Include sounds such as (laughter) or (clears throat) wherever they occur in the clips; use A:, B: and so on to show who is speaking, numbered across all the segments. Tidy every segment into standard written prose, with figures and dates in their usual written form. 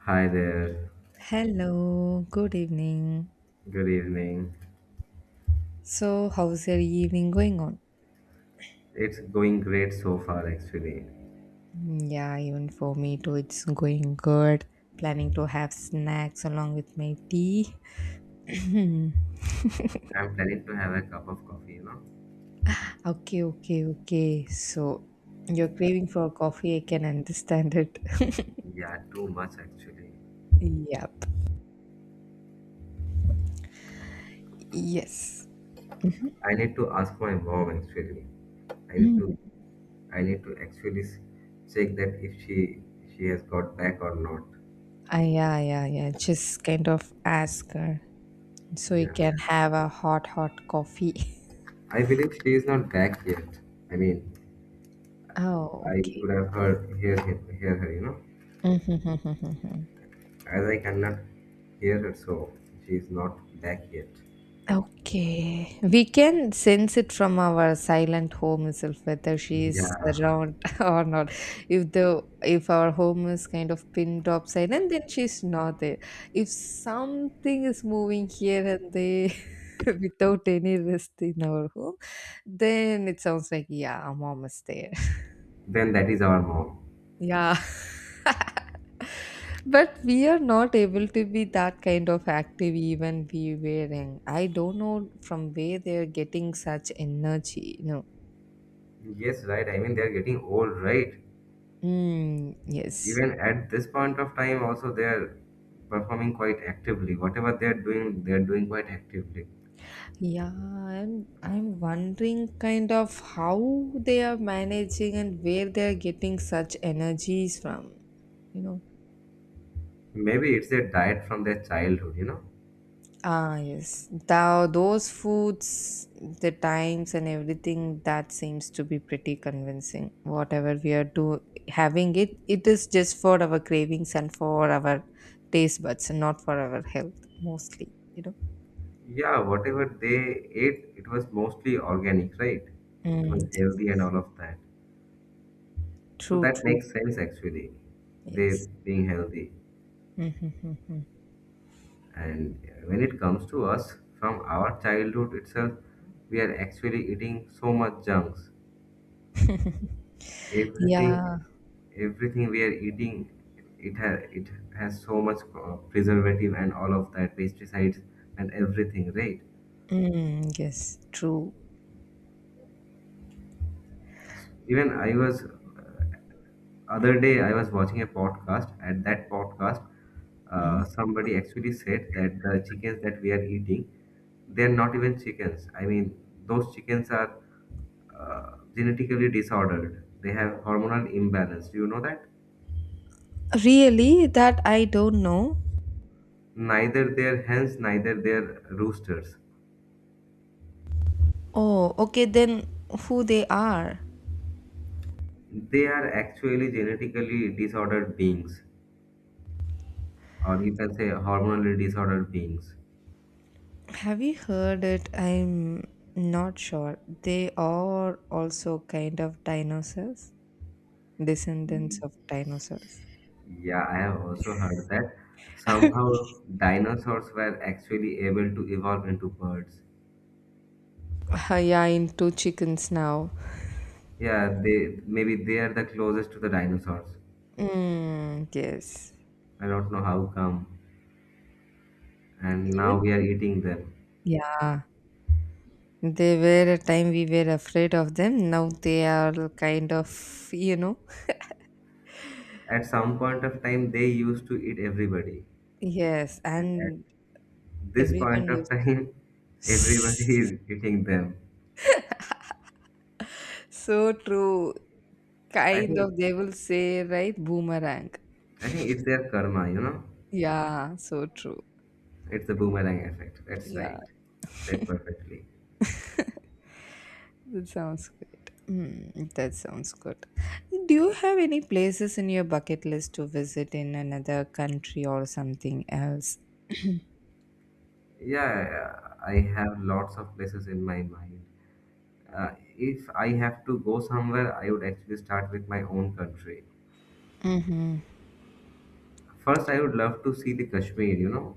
A: Hi there.
B: Hello, good evening.
A: Good evening.
B: So, how's your evening going on?
A: It's going great so far, actually.
B: Yeah, even for me too, it's going good. Planning to have snacks along with my tea. (clears throat) okay,
A: I'm planning to have a cup of coffee, you know?
B: okay. So, you're craving for coffee, I can understand it. (laughs)
A: Yeah, too much, actually.
B: Yep, yes.
A: I need to ask my mom, actually. I need
B: Mm.
A: to, I need to actually check that if she has got back or not.
B: Ah, yeah. Just kind of ask her so you
A: Yeah.
B: can have a hot coffee. (laughs)
A: I believe she is not back yet. I mean,
B: Oh,
A: I could have hear her, you know?
B: okay. (laughs)
A: As I cannot hear her, so she is not back yet.
B: Okay. We can sense it from our silent home itself whether she is
A: Yeah.
B: around (laughs) or not. If our home is kind of pinned up silent, then she's not there. If something is moving here and there (laughs) without any rest in our home, then it sounds like yeah, mom is there.
A: Then that is our mom.
B: Yeah, (laughs) but we are not able to be that kind of active even we were young. I don't know from where they are getting such energy. No.
A: Yes, right. I mean, they're getting old, right?
B: Mm, yes.
A: Even at this point of time, also they're performing quite actively. Whatever they're doing quite actively.
B: Yeah, I'm wondering kind of how they are managing and where they are getting such energies from, you know.
A: Maybe it's their diet from their childhood, you know?
B: Ah, yes. Thou Those foods, the times and everything that seems to be pretty convincing. Whatever we are do having it, it is just for our cravings and for our taste buds and not for our health mostly.
A: Yeah, whatever they ate, it was mostly organic, right? It
B: Mm,
A: was
B: yes.
A: healthy and all of that. So
B: True,
A: that
B: true.
A: makes sense actually. They
B: Yes.
A: being healthy.
B: Mm.
A: And when it comes to us, from our childhood itself, we are actually eating so much junks everything.
B: Yeah.
A: Everything we are eating, it ha it has so much preservative and all of that pesticides and everything, right?
B: Mm, yes, true.
A: even I was Other day I was watching a podcast. At that podcast,
B: Mhm.
A: somebody actually said that the chickens that we are eating, they're not even chickens. I mean, those chickens are genetically disordered. They have hormonal imbalance. Do you know that?
B: Really, that I don't know.
A: Neither their hens, neither their roosters.
B: Oh, okay, then who they are?
A: They are actually genetically disordered beings, or you can say hormonally disordered beings.
B: Have you heard it? I'm not sure. They are also kind of dinosaurs, descendants of dinosaurs.
A: Yeah, I have also heard that somehow dinosaurs were actually able to evolve into birds.
B: Ah, yeah, into chickens now.
A: Yeah, they maybe they are the closest to the dinosaurs.
B: Mm, yes.
A: I don't know how come. And
B: Even?
A: now we are eating them.
B: Yeah. They were a time we were afraid of them. Now they are kind of, you know.
A: At some point of time, they used to eat everybody,
B: Yes,
A: and at
B: and
A: this point
B: everyone.
A: of time, (laughs)
B: (laughs)
A: everybody is eating them.
B: So true.
A: I
B: Kind
A: think
B: of, they will say, right? Boomerang.
A: I think it's their karma.
B: Yeah, so true.
A: It's the boomerang effect. That's
B: Yeah,
A: right. Said perfectly.
B: that sounds good. Mm, that sounds good. Do you have any places in your bucket list to visit in another country or something else?
A: Yeah, I have lots of places in my mind. Uh, if I have to go somewhere, I would actually start with my own country.
B: Mm-hmm.
A: First, I would love to see the Kashmir,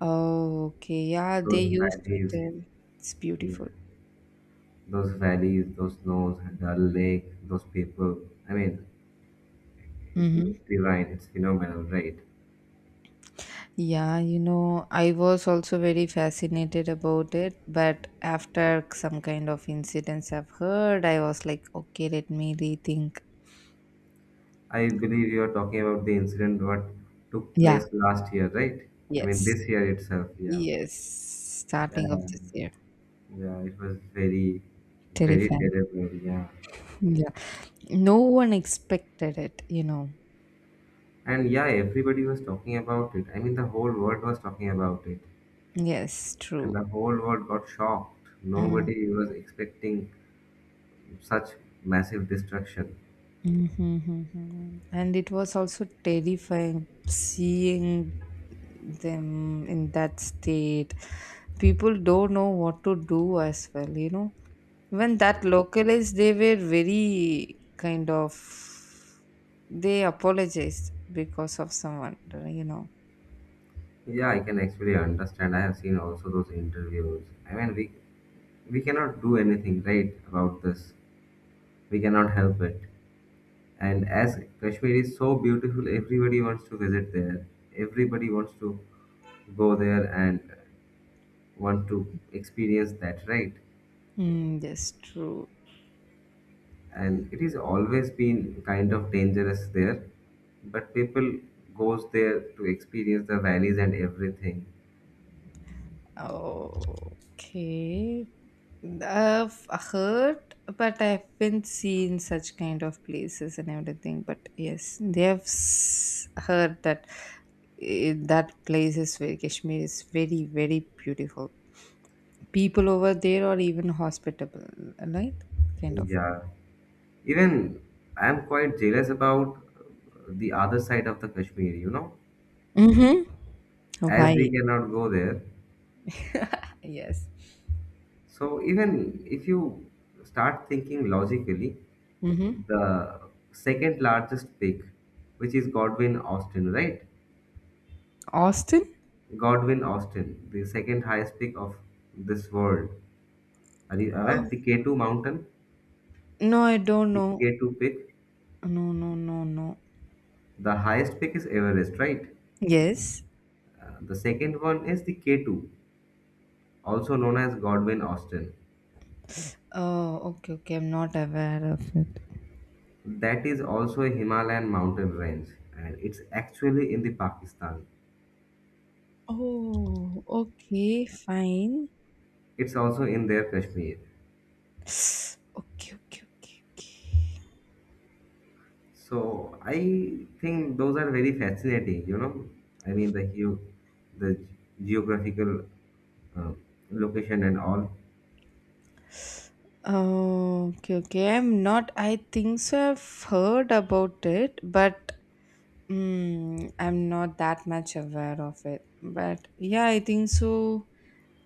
B: Oh, okay. Yeah, they
A: those
B: used to
A: valleys,
B: tell. It's
A: yeah,
B: beautiful.
A: those valleys, those snows, Dal Lake, those people. I mean, it looks
B: Mm-hmm.
A: divine. It's phenomenal, right?
B: I was also very fascinated about it, but after some kind of incidents I've heard, I was like, okay, let me rethink.
A: I believe you are talking about the incident what took
B: Yeah,
A: place last year, right? I mean,
B: yes,
A: this year itself, yeah.
B: yes, starting of
A: Yeah,
B: this year.
A: yeah, it was very, very
B: Terrifying.
A: terrible. Yeah,
B: Yeah, no one expected it.
A: and yeah, everybody was talking about it. I mean, the whole world was talking about it,
B: Yes,
A: and
B: true.
A: the whole world got shocked.
B: Mm.
A: Nobody was expecting such massive destruction.
B: Mm-hmm. And it was also terrifying seeing them in that state. People don't know what to do as well. Even that localists, they were very kind of they apologized because of someone, you know.
A: Yeah, I can actually understand. I have seen also those interviews. I mean, we cannot do anything right about this. We cannot help it. And as Kashmir is so beautiful, everybody wants to visit there. Everybody wants to go there and want to experience that, right?
B: Mm, that's true.
A: And it is always been kind of dangerous there, but people goes there to experience the valleys and everything.
B: Okay. I've heard, but I haven't seen such kind of places and everything. But yes, they have heard that that place is very, Kashmir is very, beautiful. People over there are even hospitable, right? Kind of.
A: Yeah, even I'm quite jealous about the other side of the Kashmir,
B: Mm-hmm.
A: as we
B: Hawaii.
A: cannot go there.
B: Yes.
A: So even if you start thinking logically,
B: Mm-hmm.
A: the second largest peak, which is Godwin Austen, right?
B: Austin?
A: Godwin Austen, the second highest peak of this world. Are you
B: Oh,
A: aware? The K2 mountain,
B: no, I don't
A: the
B: know.
A: K2 peak.
B: No, no, no, no.
A: The highest peak is Everest, right?
B: Yes.
A: The second one is the K2, also known as Godwin Austen.
B: Oh, okay, okay. I'm not aware of it.
A: That is also a Himalayan mountain range, and it's actually in the Pakistan.
B: Oh, okay, fine.
A: It's also in their Kashmir.
B: (sighs) Okay, okay, okay, okay.
A: So I think those are very fascinating. You know, I mean the hue, the geographical uh, location and all.
B: Oh, okay, okay. I'm not. I think so. I've heard about it, but I'm not that much aware of it. But yeah, I think so.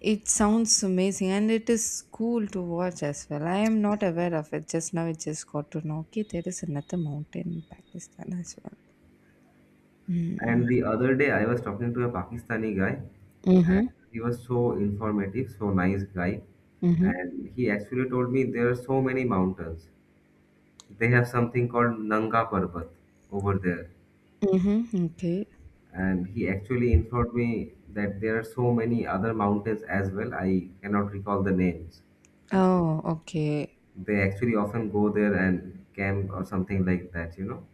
B: It sounds amazing, and it is cool to watch as well. I am not aware of it. Just now, I just got to know. Okay, there is another mountain in Pakistan as well. Hmm.
A: And the other day, I was talking to a Pakistani guy, and
B: Mm-hmm.
A: he was so informative, so nice guy.
B: Mm-hmm.
A: And he actually told me there are so many mountains. They have something called Nanga Parbat over there.
B: Mm-hmm. Okay.
A: And he actually informed me that there are so many other mountains as well. I cannot recall the names.
B: Oh, okay.
A: They actually often go there and camp or something like that.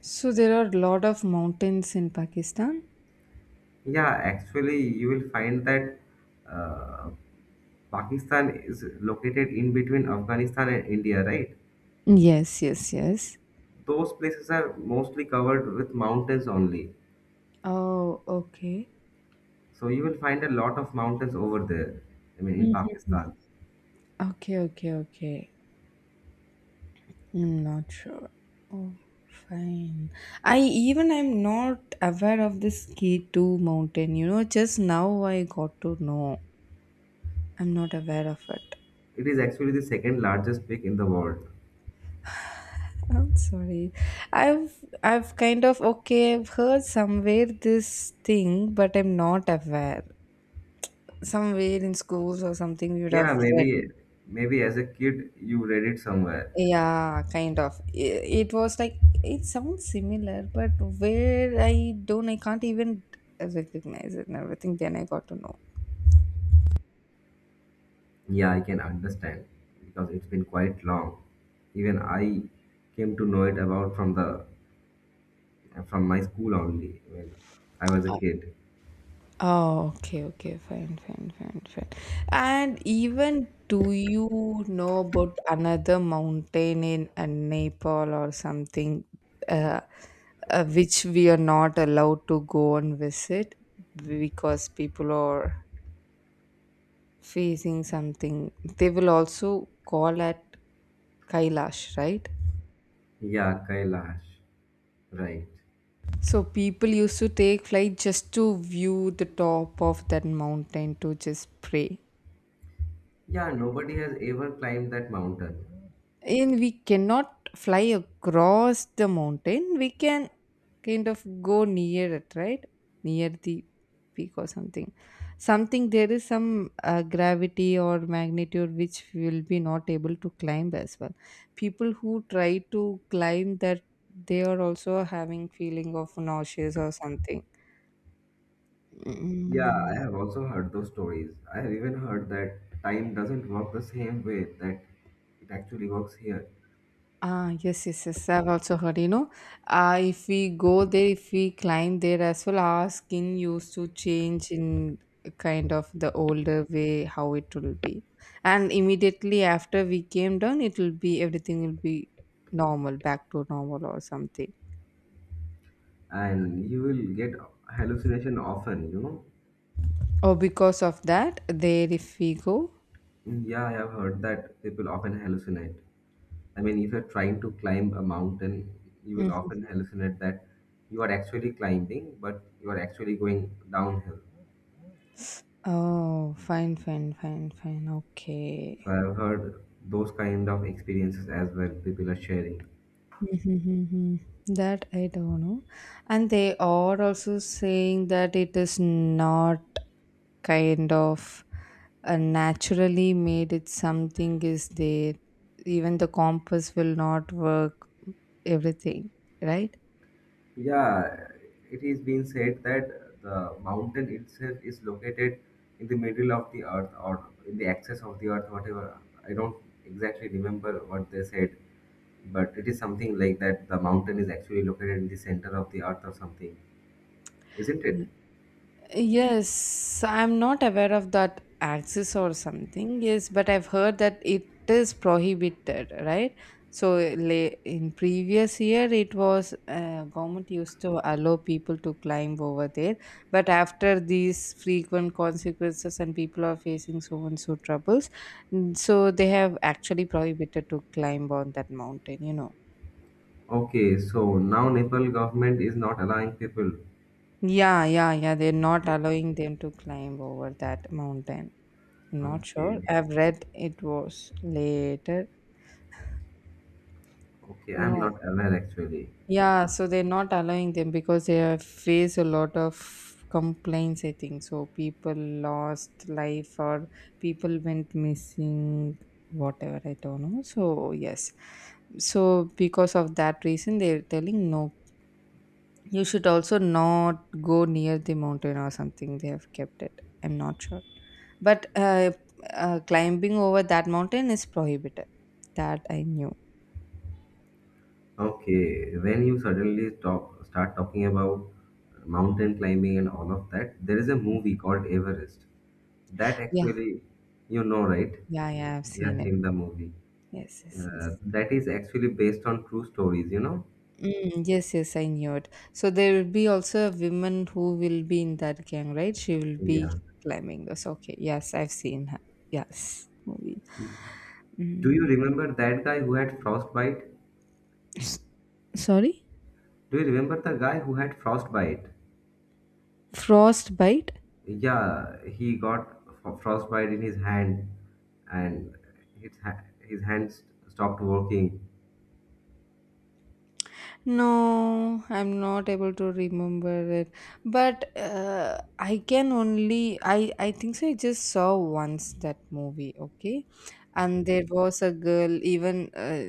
B: So there are a lot of mountains in Pakistan?
A: Yeah, actually, you will find that uh, Pakistan is located in between Afghanistan and India, right?
B: Yes, yes, yes.
A: Those places are mostly covered with mountains only.
B: Oh, okay.
A: So you will find a lot of mountains over there. I mean, in
B: Mhm.
A: Pakistan,
B: Okay, okay, okay. I'm not sure. Oh, fine. I'm not aware of this K2 mountain. You know, just now I got to know. I'm not aware of it.
A: it is actually the second largest peak in the world.
B: I'm sorry. I've kind of, okay, I've heard somewhere this thing, but I'm not aware. Somewhere in schools or something we would have
A: Yeah,
B: read.
A: maybe as a kid you read it somewhere.
B: Yeah, kind of. It was like it sounds similar, but where I don't, I can't even recognize it and everything, then I got to know.
A: Yeah, I can understand because it's been quite long. Even I came to know it about from my school only when I was a kid.
B: Oh, okay, fine. And even, do you know about another mountain in Nepal or something, uh, which we are not allowed to go and visit because people are facing something. They will also call at Kailash, right?
A: Yeah, Kailash, right.
B: So people used to take flight just to view the top of that mountain to just pray.
A: Yeah, nobody has ever climbed that mountain.
B: And we cannot fly across the mountain. We can kind of go near it, right? Near the peak or something. Something, there is some gravity or magnitude which we will be not able to climb as well. People who try to climb that, they are also having feeling of nauseous or something.
A: Yeah, I
B: Mm.
A: have also heard those stories. I have even heard that time doesn't work the same way that it actually works here,
B: Ah, yes, yes, yes. I've also heard, if we go there, if we climb there as well, our skin used to change in kind of the older way how it will be. And immediately after we came down, it will be, everything will be normal, back to normal or something.
A: and you will get hallucination often.
B: Oh, because of that, there if we go.
A: Yeah, I have heard that people often hallucinate. I mean, if you're trying to climb a mountain, you will
B: Mhm.
A: often hallucinate that you are actually climbing, but you are actually going downhill.
B: Oh, fine. Okay.
A: So I have heard those kind of experiences as well, people are sharing.
B: Hmm. That I don't know. And they are also saying that it is not kind of naturally made, it, something is there. Even the compass will not work, everything, right?
A: Yeah, it is being said that the mountain itself is located in the middle of the earth or in the axis of the earth, whatever. I don't exactly remember what they said, but it is something like that the mountain is actually located in the center of the earth or something, isn't it?
B: Yes, I'm not aware of that axis or something. Yes, but I've heard that it is prohibited, right? So in previous year, it was, government used to allow people to climb over there, but after these frequent consequences and people are facing so and so troubles, mm, so they have actually prohibited to climb on that mountain. You know?
A: Okay, so now Nepal government is not allowing people.
B: Yeah, yeah, yeah. They're not allowing them to climb over that mountain. I'm not sure.
A: Okay,
B: I've read it was later.
A: okay, I'm
B: No.
A: not aware actually.
B: Yeah, so they're not allowing them because they have faced a lot of complaints, I think. So people lost life or people went missing, whatever, I don't know. So, yes. So, because of that reason, they're telling no. You should also not go near the mountain or something. They have kept it. I'm not sure. But climbing over that mountain is prohibited. That I knew.
A: Okay, when you suddenly start talking about mountain climbing and all of that, there is a movie called Everest. That
B: Yeah,
A: actually, you know, right?
B: yeah, yeah, I've
A: You
B: seen
A: have
B: it.
A: seen the movie.
B: Yes, yes, yes.
A: That is actually based on true stories, you know?
B: Mm, yes, yes, I knew it. So there will be also a woman who will be in that gang, right? She will be
A: Yeah.
B: climbing this. Okay, yes, I've seen her. Yes, movie.
A: Do you
B: Mm,
A: remember that guy who had frostbite?
B: s- sorry?
A: Do you remember the guy who had frostbite?
B: Frostbite?
A: Yeah, he got frostbite in his hand, and his, ha- his hands stopped working.
B: No, I'm not able to remember it. But I can only, I think so, I just saw once that movie, okay?
A: Okay.
B: And there was a girl even,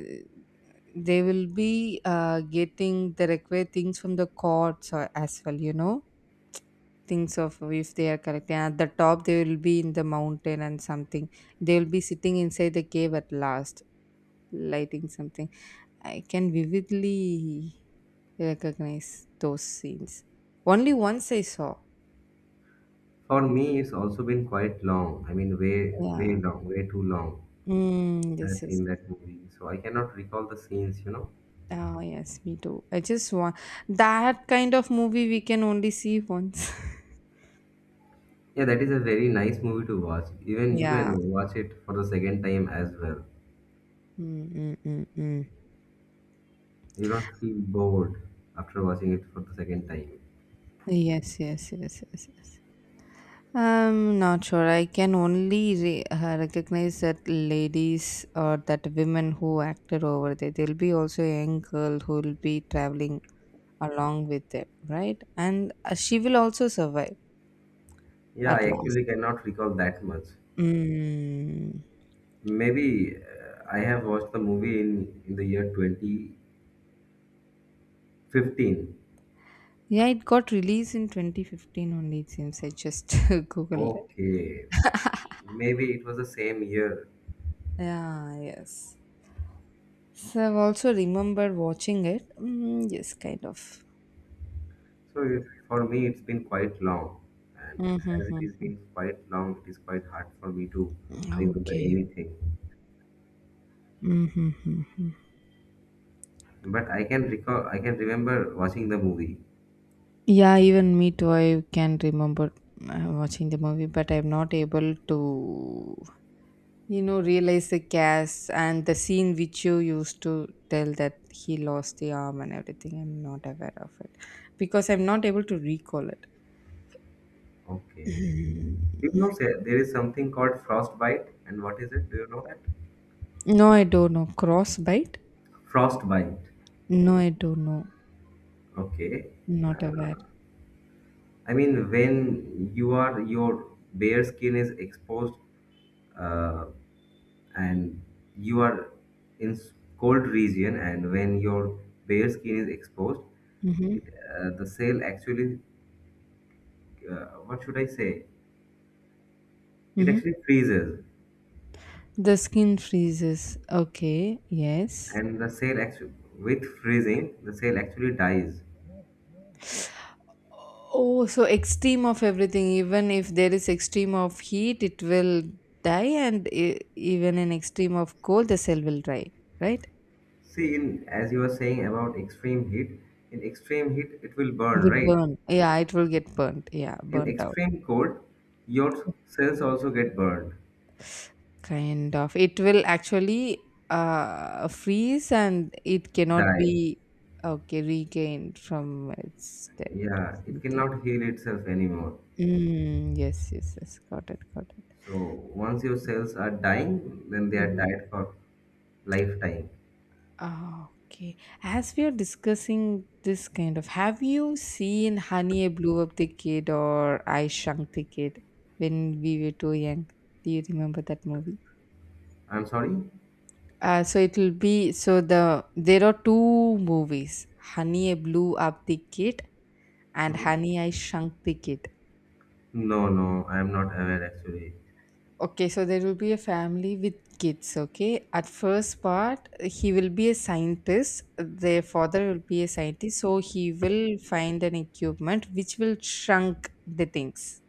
B: they will be, getting the required things from the courts or as well, you know, things of if they are correct, collecting at the top. They will be in the mountain, and something they will be sitting inside the cave at last, lighting something. I can vividly recognize those scenes, only once I saw.
A: For me, it's also been quite long. I mean, way, way
B: Yeah.
A: long, way too long.
B: Mm, this
A: I've
B: is.
A: seen that movie, so I cannot recall the scenes.
B: Oh yes, me too. I just want that kind of movie we can only see once.
A: Yeah, that is a very nice movie to watch.
B: (laughs)
A: Even you
B: Yeah.
A: can watch it for the second time as well.
B: Mm, mm, mm, mm.
A: You don't feel bored after watching it for the second time.
B: Yes, yes, yes, yes, yes. I'm not sure. I can only recognize that ladies or that women who acted over there. There'll be also a young girl who will be traveling along with them, right? And she will also survive
A: Yeah,
B: at
A: I
B: last.
A: actually cannot recall that much.
B: Mm.
A: Maybe I have watched the movie in the year 2015.
B: Yeah, it got released in 2015 only, it seems. I just (laughs) googled it.
A: Okay, maybe it was the same year.
B: Yeah, yes. So I've also remember watching it. Mm, yes, kind of.
A: So for me, it's been quite long, and as it is
B: Mm-hmm.
A: been quite long, it is quite hard for me to remember
B: Okay.
A: anything.
B: Mm-hmm.
A: But I can remember watching the movie.
B: Yeah, even me too. I can remember watching the movie, but I'm not able to, you know, realize the cast and the scene which you used to tell that he lost the arm and everything. I'm not aware of it because I'm not able to recall it.
A: Okay. Do you know sir, there is something called frostbite, and what is it? Do you know that?
B: No, I don't know. Crossbite?
A: Frostbite.
B: No, I don't know.
A: Okay.
B: Not aware.
A: I mean, when you are your bare skin is exposed, uh, and you are in cold region, and when your bare skin is exposed, it
B: Mm-hmm.
A: the cell actually, what should I say, it
B: Mm-hmm.
A: actually freezes,
B: The skin freezes. Okay. Yes.
A: and the cell actually, with freezing, the cell actually dies.
B: Oh, so extreme of everything. Even if there is extreme of heat, it will die, and even in extreme of cold, the cell will die. Right?
A: See, in as you were saying about extreme heat, in extreme heat it will
B: It
A: burn,
B: will
A: right?
B: burn. Yeah, it will get burnt. Yeah,
A: In
B: burnt out.
A: extreme cold, your cells also get burned.
B: Kind of. It will actually freeze, and it cannot
A: Die.
B: be okay regained from its death.
A: Yeah,
B: Or
A: it
B: something.
A: cannot heal itself anymore.
B: Mm, yes, yes, yes. Got it. Got it.
A: So once your cells are dying, then they are
B: Mhm.
A: died for lifetime.
B: Ah, okay. As we are discussing this kind of, have you seen Honey, I Blew Up the Kid or I Shrunk the Kid when we were too young? Do you remember that movie?
A: I'm sorry?
B: So it will be, so there are two movies, Honey, I Blew Up the Kid and
A: Mhm.
B: Honey, I Shrunk the Kid.
A: No, no, I'm not aware actually.
B: Okay, so there will be a family with kids, okay? At first part, he will be a scientist. Their father will be a scientist, so he will find an equipment which will shrunk the things.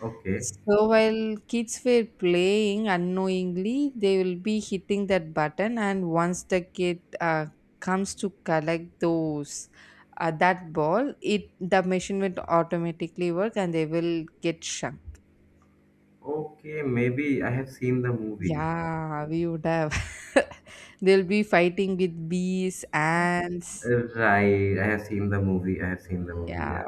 A: Okay.
B: So while kids were playing unknowingly, they will be hitting that button, and once the kid, comes to collect those, that ball, it, the machine will automatically work, and they will get shrunk.
A: Okay, maybe I have seen the movie.
B: Yeah, we would have. (laughs) They'll be fighting with bees, ants.
A: Right, I have seen the movie. I have seen the movie,
B: Yeah,
A: yeah.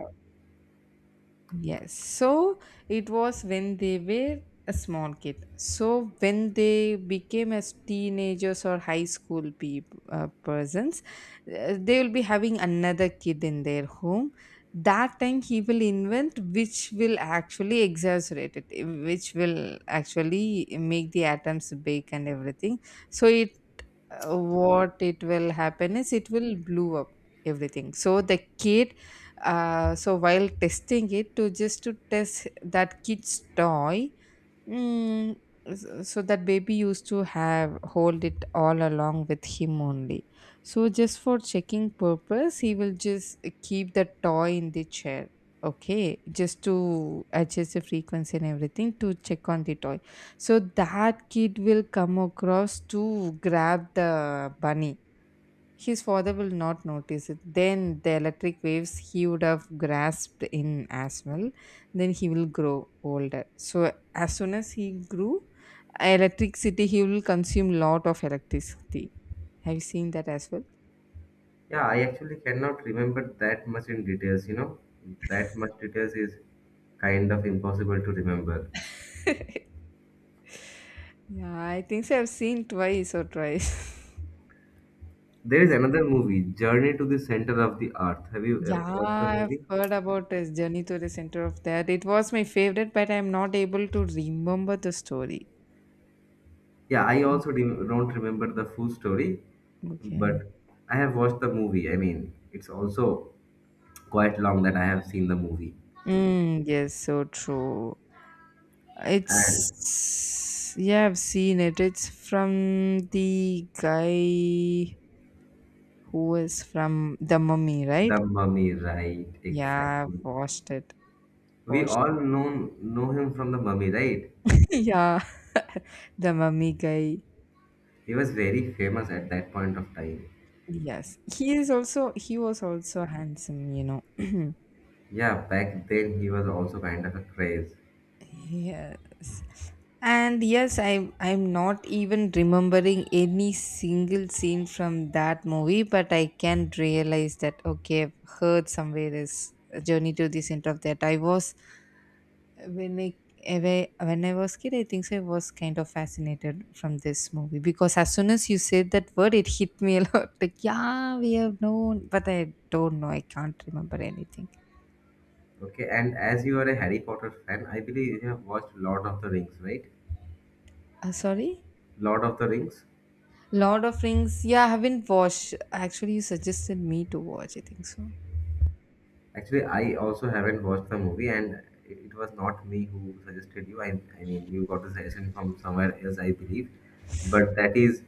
B: yes. So it was when they were a small kid. So when they became as teenagers or high school people persons, they will be having another kid in their home. That time he will invent which will actually exaggerate it, which will actually make the atoms big and everything so it what it will happen is it will blow up everything so the kid so while testing it to just to test that kid's toy Mm, so that baby used to have hold it all along with him only. So just for checking purpose, he will just keep the toy in the chair. Okay, just to adjust the frequency and everything to check on the toy. So that kid will come across to grab the bunny, his father will not notice it. Then the electric waves he would have grasped in as well. Then he will grow older. So as soon as he grew electricity, he will consume lot of electricity. Have you seen that as well? (laughs)
A: Yeah, I actually cannot remember that much in details. That much details is kind of impossible to remember.
B: Yeah, I think so. I've seen twice or thrice. (laughs)
A: There is
B: Mm.
A: another movie, Journey to the Center of the Earth. Have you
B: Yeah,
A: watched the
B: I've
A: movie?
B: heard about his journey to the center of that. It was my favorite, but I'm not able to remember the story.
A: Yeah, I also did don't remember the full story,
B: Okay.
A: but I have watched the movie. I mean, it's also quite long that I have seen the movie.
B: Mm, yes, so true.
A: And
B: It's yeah, I've seen it. It's from the guy who is from The Mummy, right?
A: the mummy, right?
B: Yeah, I've
A: Exactly.
B: watched it.
A: We
B: Watched
A: all
B: it.
A: know him from the mummy, right?
B: (laughs) Yeah. (laughs) The Mummy guy.
A: He was very famous at that point of time.
B: Yes. He is also he was also handsome, you know. (clears throat)
A: Yeah, back then he was also kind of a craze.
B: Yes. And yes, I'm not even remembering any single scene from that movie, but I can realize that okay, I've heard somewhere this journey to the center of that. I was when I ever- When I was kid, I think so I was kind of fascinated from this movie because as soon as you said that word, it hit me (laughs) a lot. Like yeah, we have known, but I don't know. I can't remember anything.
A: Okay, and as you are a Harry Potter fan, I believe you have watched Lord of the Rings, right?
B: Sorry.
A: Lord of the Rings.
B: Lord of Rings. Yeah, I haven't watched. Actually, you suggested me to watch. I think so.
A: Actually, I also haven't watched the movie, and it was not me who suggested you. I mean, you got the suggestion from somewhere else, I believe. But that is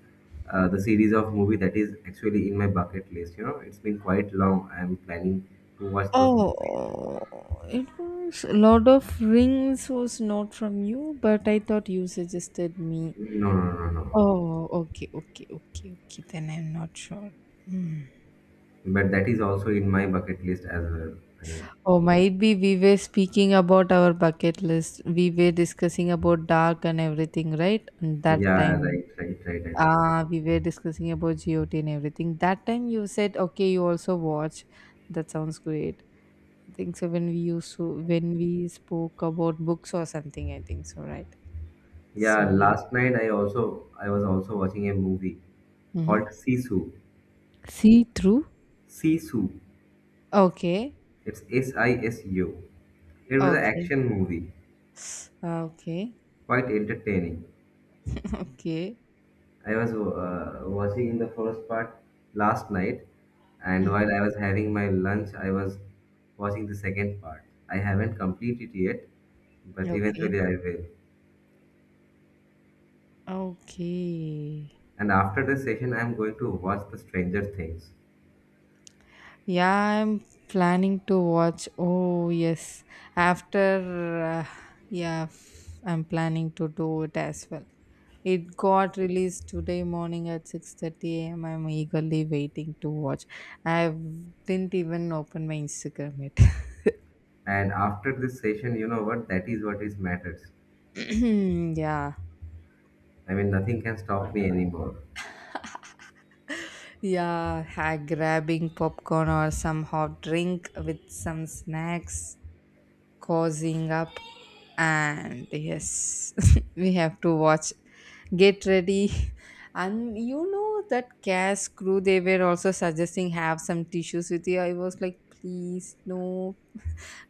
A: the series of movie that is actually in my bucket list. It's been quite long. I'm planning to watch those movies.
B: Oh, it was Lord of Rings was not from you, but I thought you suggested me.
A: No, no, no, no. No.
B: Oh, okay, okay, okay, okay. Then I'm not sure. Hmm.
A: But that is also in my bucket list as well. I mean,
B: Oh, might be we were speaking about our bucket list. We were discussing about dark and everything, right? And that
A: yeah,
B: time,
A: right, right, right, right.
B: ah, we were discussing about GOT and everything. That time you said, okay, you also watch. That sounds great. I think so. When we spoke about books or something, I think so, right? So
A: Yeah,
B: we
A: last night I was also watching a movie
B: mm-hmm.
A: called Sisu.
B: See through.
A: Sisu.
B: Okay,
A: It's Sisu. It was an
B: okay,
A: action movie,
B: ah, okay,
A: quite entertaining.
B: (laughs) okay,
A: I was watching in the first part last night, and while
B: mhm,
A: I was having my lunch, I was watching the second part. I haven't completed yet, but
B: okay,
A: eventually I will.
B: okay.
A: And after this session, I'm going to watch The Stranger Things.
B: Yeah, I'm planning to watch. Oh yes, after yeah, I'm planning to do it as well. It got released today morning at 6:30 a.m. I'm eagerly waiting to watch. I didn't even open my Instagram yet.
A: And after this session, you know what? That is what is matters.
B: (clears throat) Yeah.
A: I mean, nothing can stop me anymore.
B: Yeah, grabbing popcorn or some hot drink with some snacks, cozying up and yes, (laughs) we have to watch. Get ready. And you know that cast crew they were also suggesting have some tissues with you. I was like, please, no,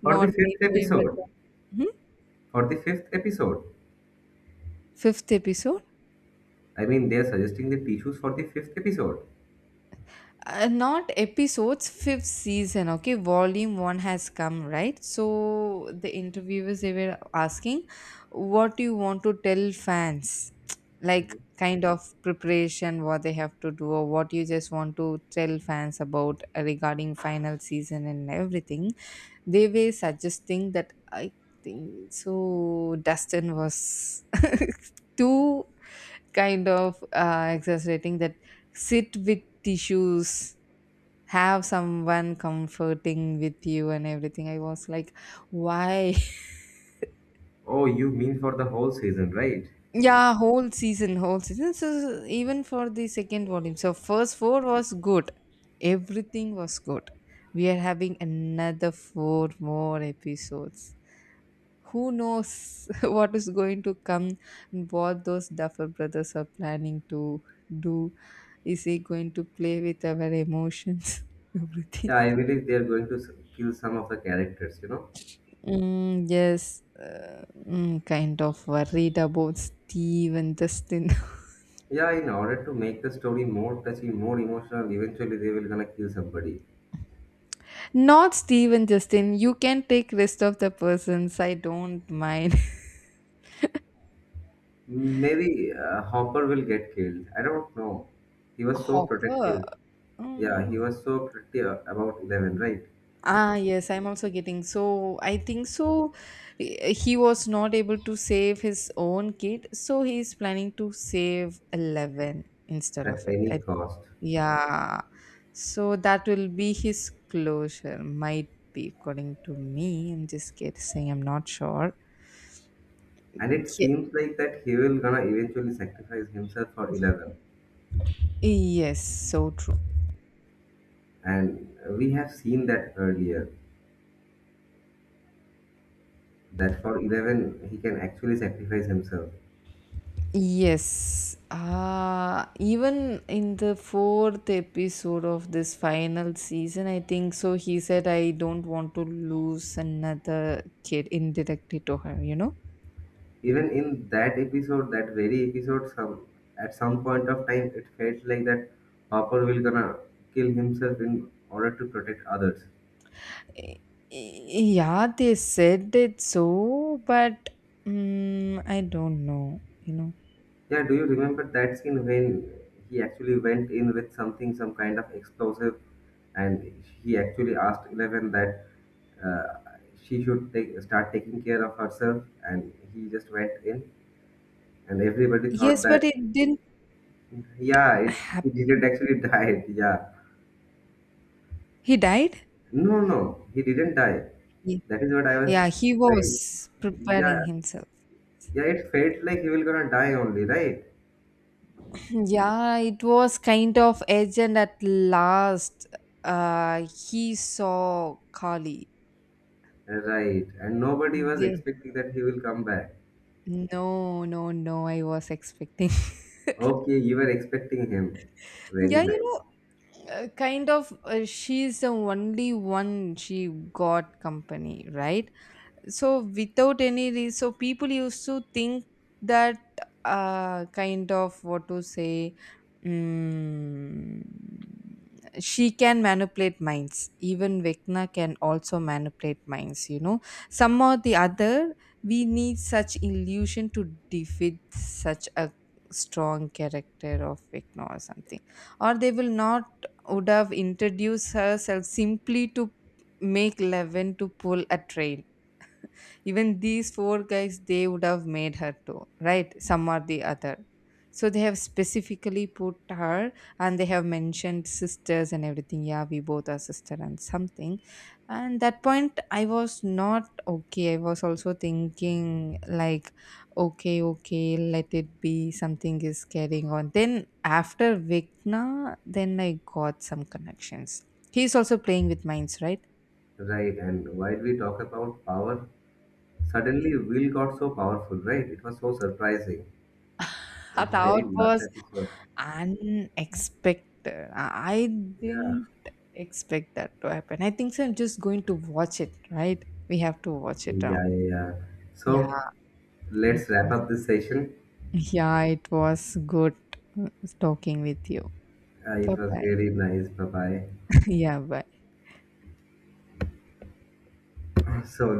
A: For
B: not
A: the
B: my
A: fifth
B: favorite
A: episode,
B: one. Mhm.
A: for the fifth episode,
B: Fifth episode?
A: I mean, they are suggesting the tissues for the fifth episode.
B: Not episodes, fifth season. Okay, volume one has come, right? So the interviewers they were asking, what do you want to tell fans? (tsk) Like kind of preparation, what they have to do, or what you just want to tell fans about regarding final season and everything. They were suggesting that I think so. Dustin was (laughs) too kind of exaggerating that sit with tissues, have someone comforting with you and everything. I was like, why?
A: Oh, you mean for the whole season, right?
B: (laughs) Yeah, whole season, whole season. So even for the second volume, so first four was good, everything was good. We are having another four more episodes. Who knows (laughs) what is going to come and what those duffer brothers are planning to do? Is he going to play with our emotions? (laughs) Everything.
A: Yeah, I believe they are going to kill some of the characters, you know?
B: Mm, yes, kind of worried about Steve and Justin.
A: Yeah, in order to make the story more touching, more emotional, eventually they will gonna kill somebody.
B: (laughs) Not Steve and Justin, you can take rest of the persons, I don't mind.
A: Maybe Hopper will get killed. I don't know. He
B: (laughs)
A: was so
B: Hopper.
A: protective. Yeah,
B: Mm,
A: he was so protective about 11, right?
B: ah, yes, I'm also getting. So I think so. He was not able to save his own kid, so he's planning to save 11 instead
A: At
B: of it.
A: any
B: I,
A: cost.
B: yeah. So that will be his closure, might be, according to me. I'm just kidding, saying I'm not sure.
A: And it seems like that he will gonna eventually sacrifice himself for 11.
B: Yes, so true.
A: And we have seen that earlier, that for 11 he can actually sacrifice himself.
B: Yes. Even in the fourth episode of this final season, I think so. He said, I don't want to lose another kid indirectly to her, you know?
A: Even in that episode, that very episode, some at some point of time, it felt like that Hopper will gonna kill himself in order to protect others.
B: Eh, Yeah, they said it so, but mm, I don't know, you know?
A: Yeah, do you remember that scene when he actually went in with something, some kind of explosive, and he actually asked Eleven that uh, she should start taking care of herself, and he just went in, and everybody thought
B: Yes, but
A: that,
B: it didn't
A: yeah, he
B: happen.
A: didn't actually (laughs) die. Yeah,
B: He died?
A: no, no, no. He didn't die.
B: Ye-
A: That is what I was
B: Yeah, he
A: saying.
B: was preparing
A: Yeah,
B: himself.
A: yeah, it felt like he will gonna die only, right?
B: Yeah, it was kind of edge, and at last, he saw Kali.
A: Right. And nobody was
B: They,
A: expecting that he will come back.
B: no, no, no, I was expecting. (laughs)
A: Okay, you were expecting him. Very
B: Yeah,
A: nice.
B: kind of, she's the only one, she got company, right? So without any reason, so people used to think that, kind of what to say, mm, she can manipulate minds. Even Vecna can also manipulate minds, you know, some or the other. We need such illusion to defeat such a strong character of Vecna or something, or they will not would have introduced herself simply to make Levin to pull a train. Even these four guys they would have made her too, right? Some or the other, so they have specifically put her, and they have mentioned sisters and everything. Yeah, we both are sister and something. And that point I was not okay, I was also thinking like, okay, okay, let it be, something is carrying on. Then after Vikna, then I got some connections. He's also playing with minds, right?
A: Right. And while we talk about power, suddenly Will got so powerful, right? It was so surprising
B: (laughs)
A: in the very
B: Thought
A: last
B: was
A: episode.
B: unexpected. I
A: Yeah.
B: didn't expect that to happen. I think so. I'm just going to watch it, right? We have to watch it now.
A: Yeah, yeah, yeah.
B: Yeah,
A: So
B: it
A: let's wrap
B: was. (laughs)
A: up this session.
B: Yeah, it was good, uh, talking with you. Bye
A: It was
B: bye.
A: really nice. Bye
B: (laughs) Yeah, bye.
A: bye. (clears throat) So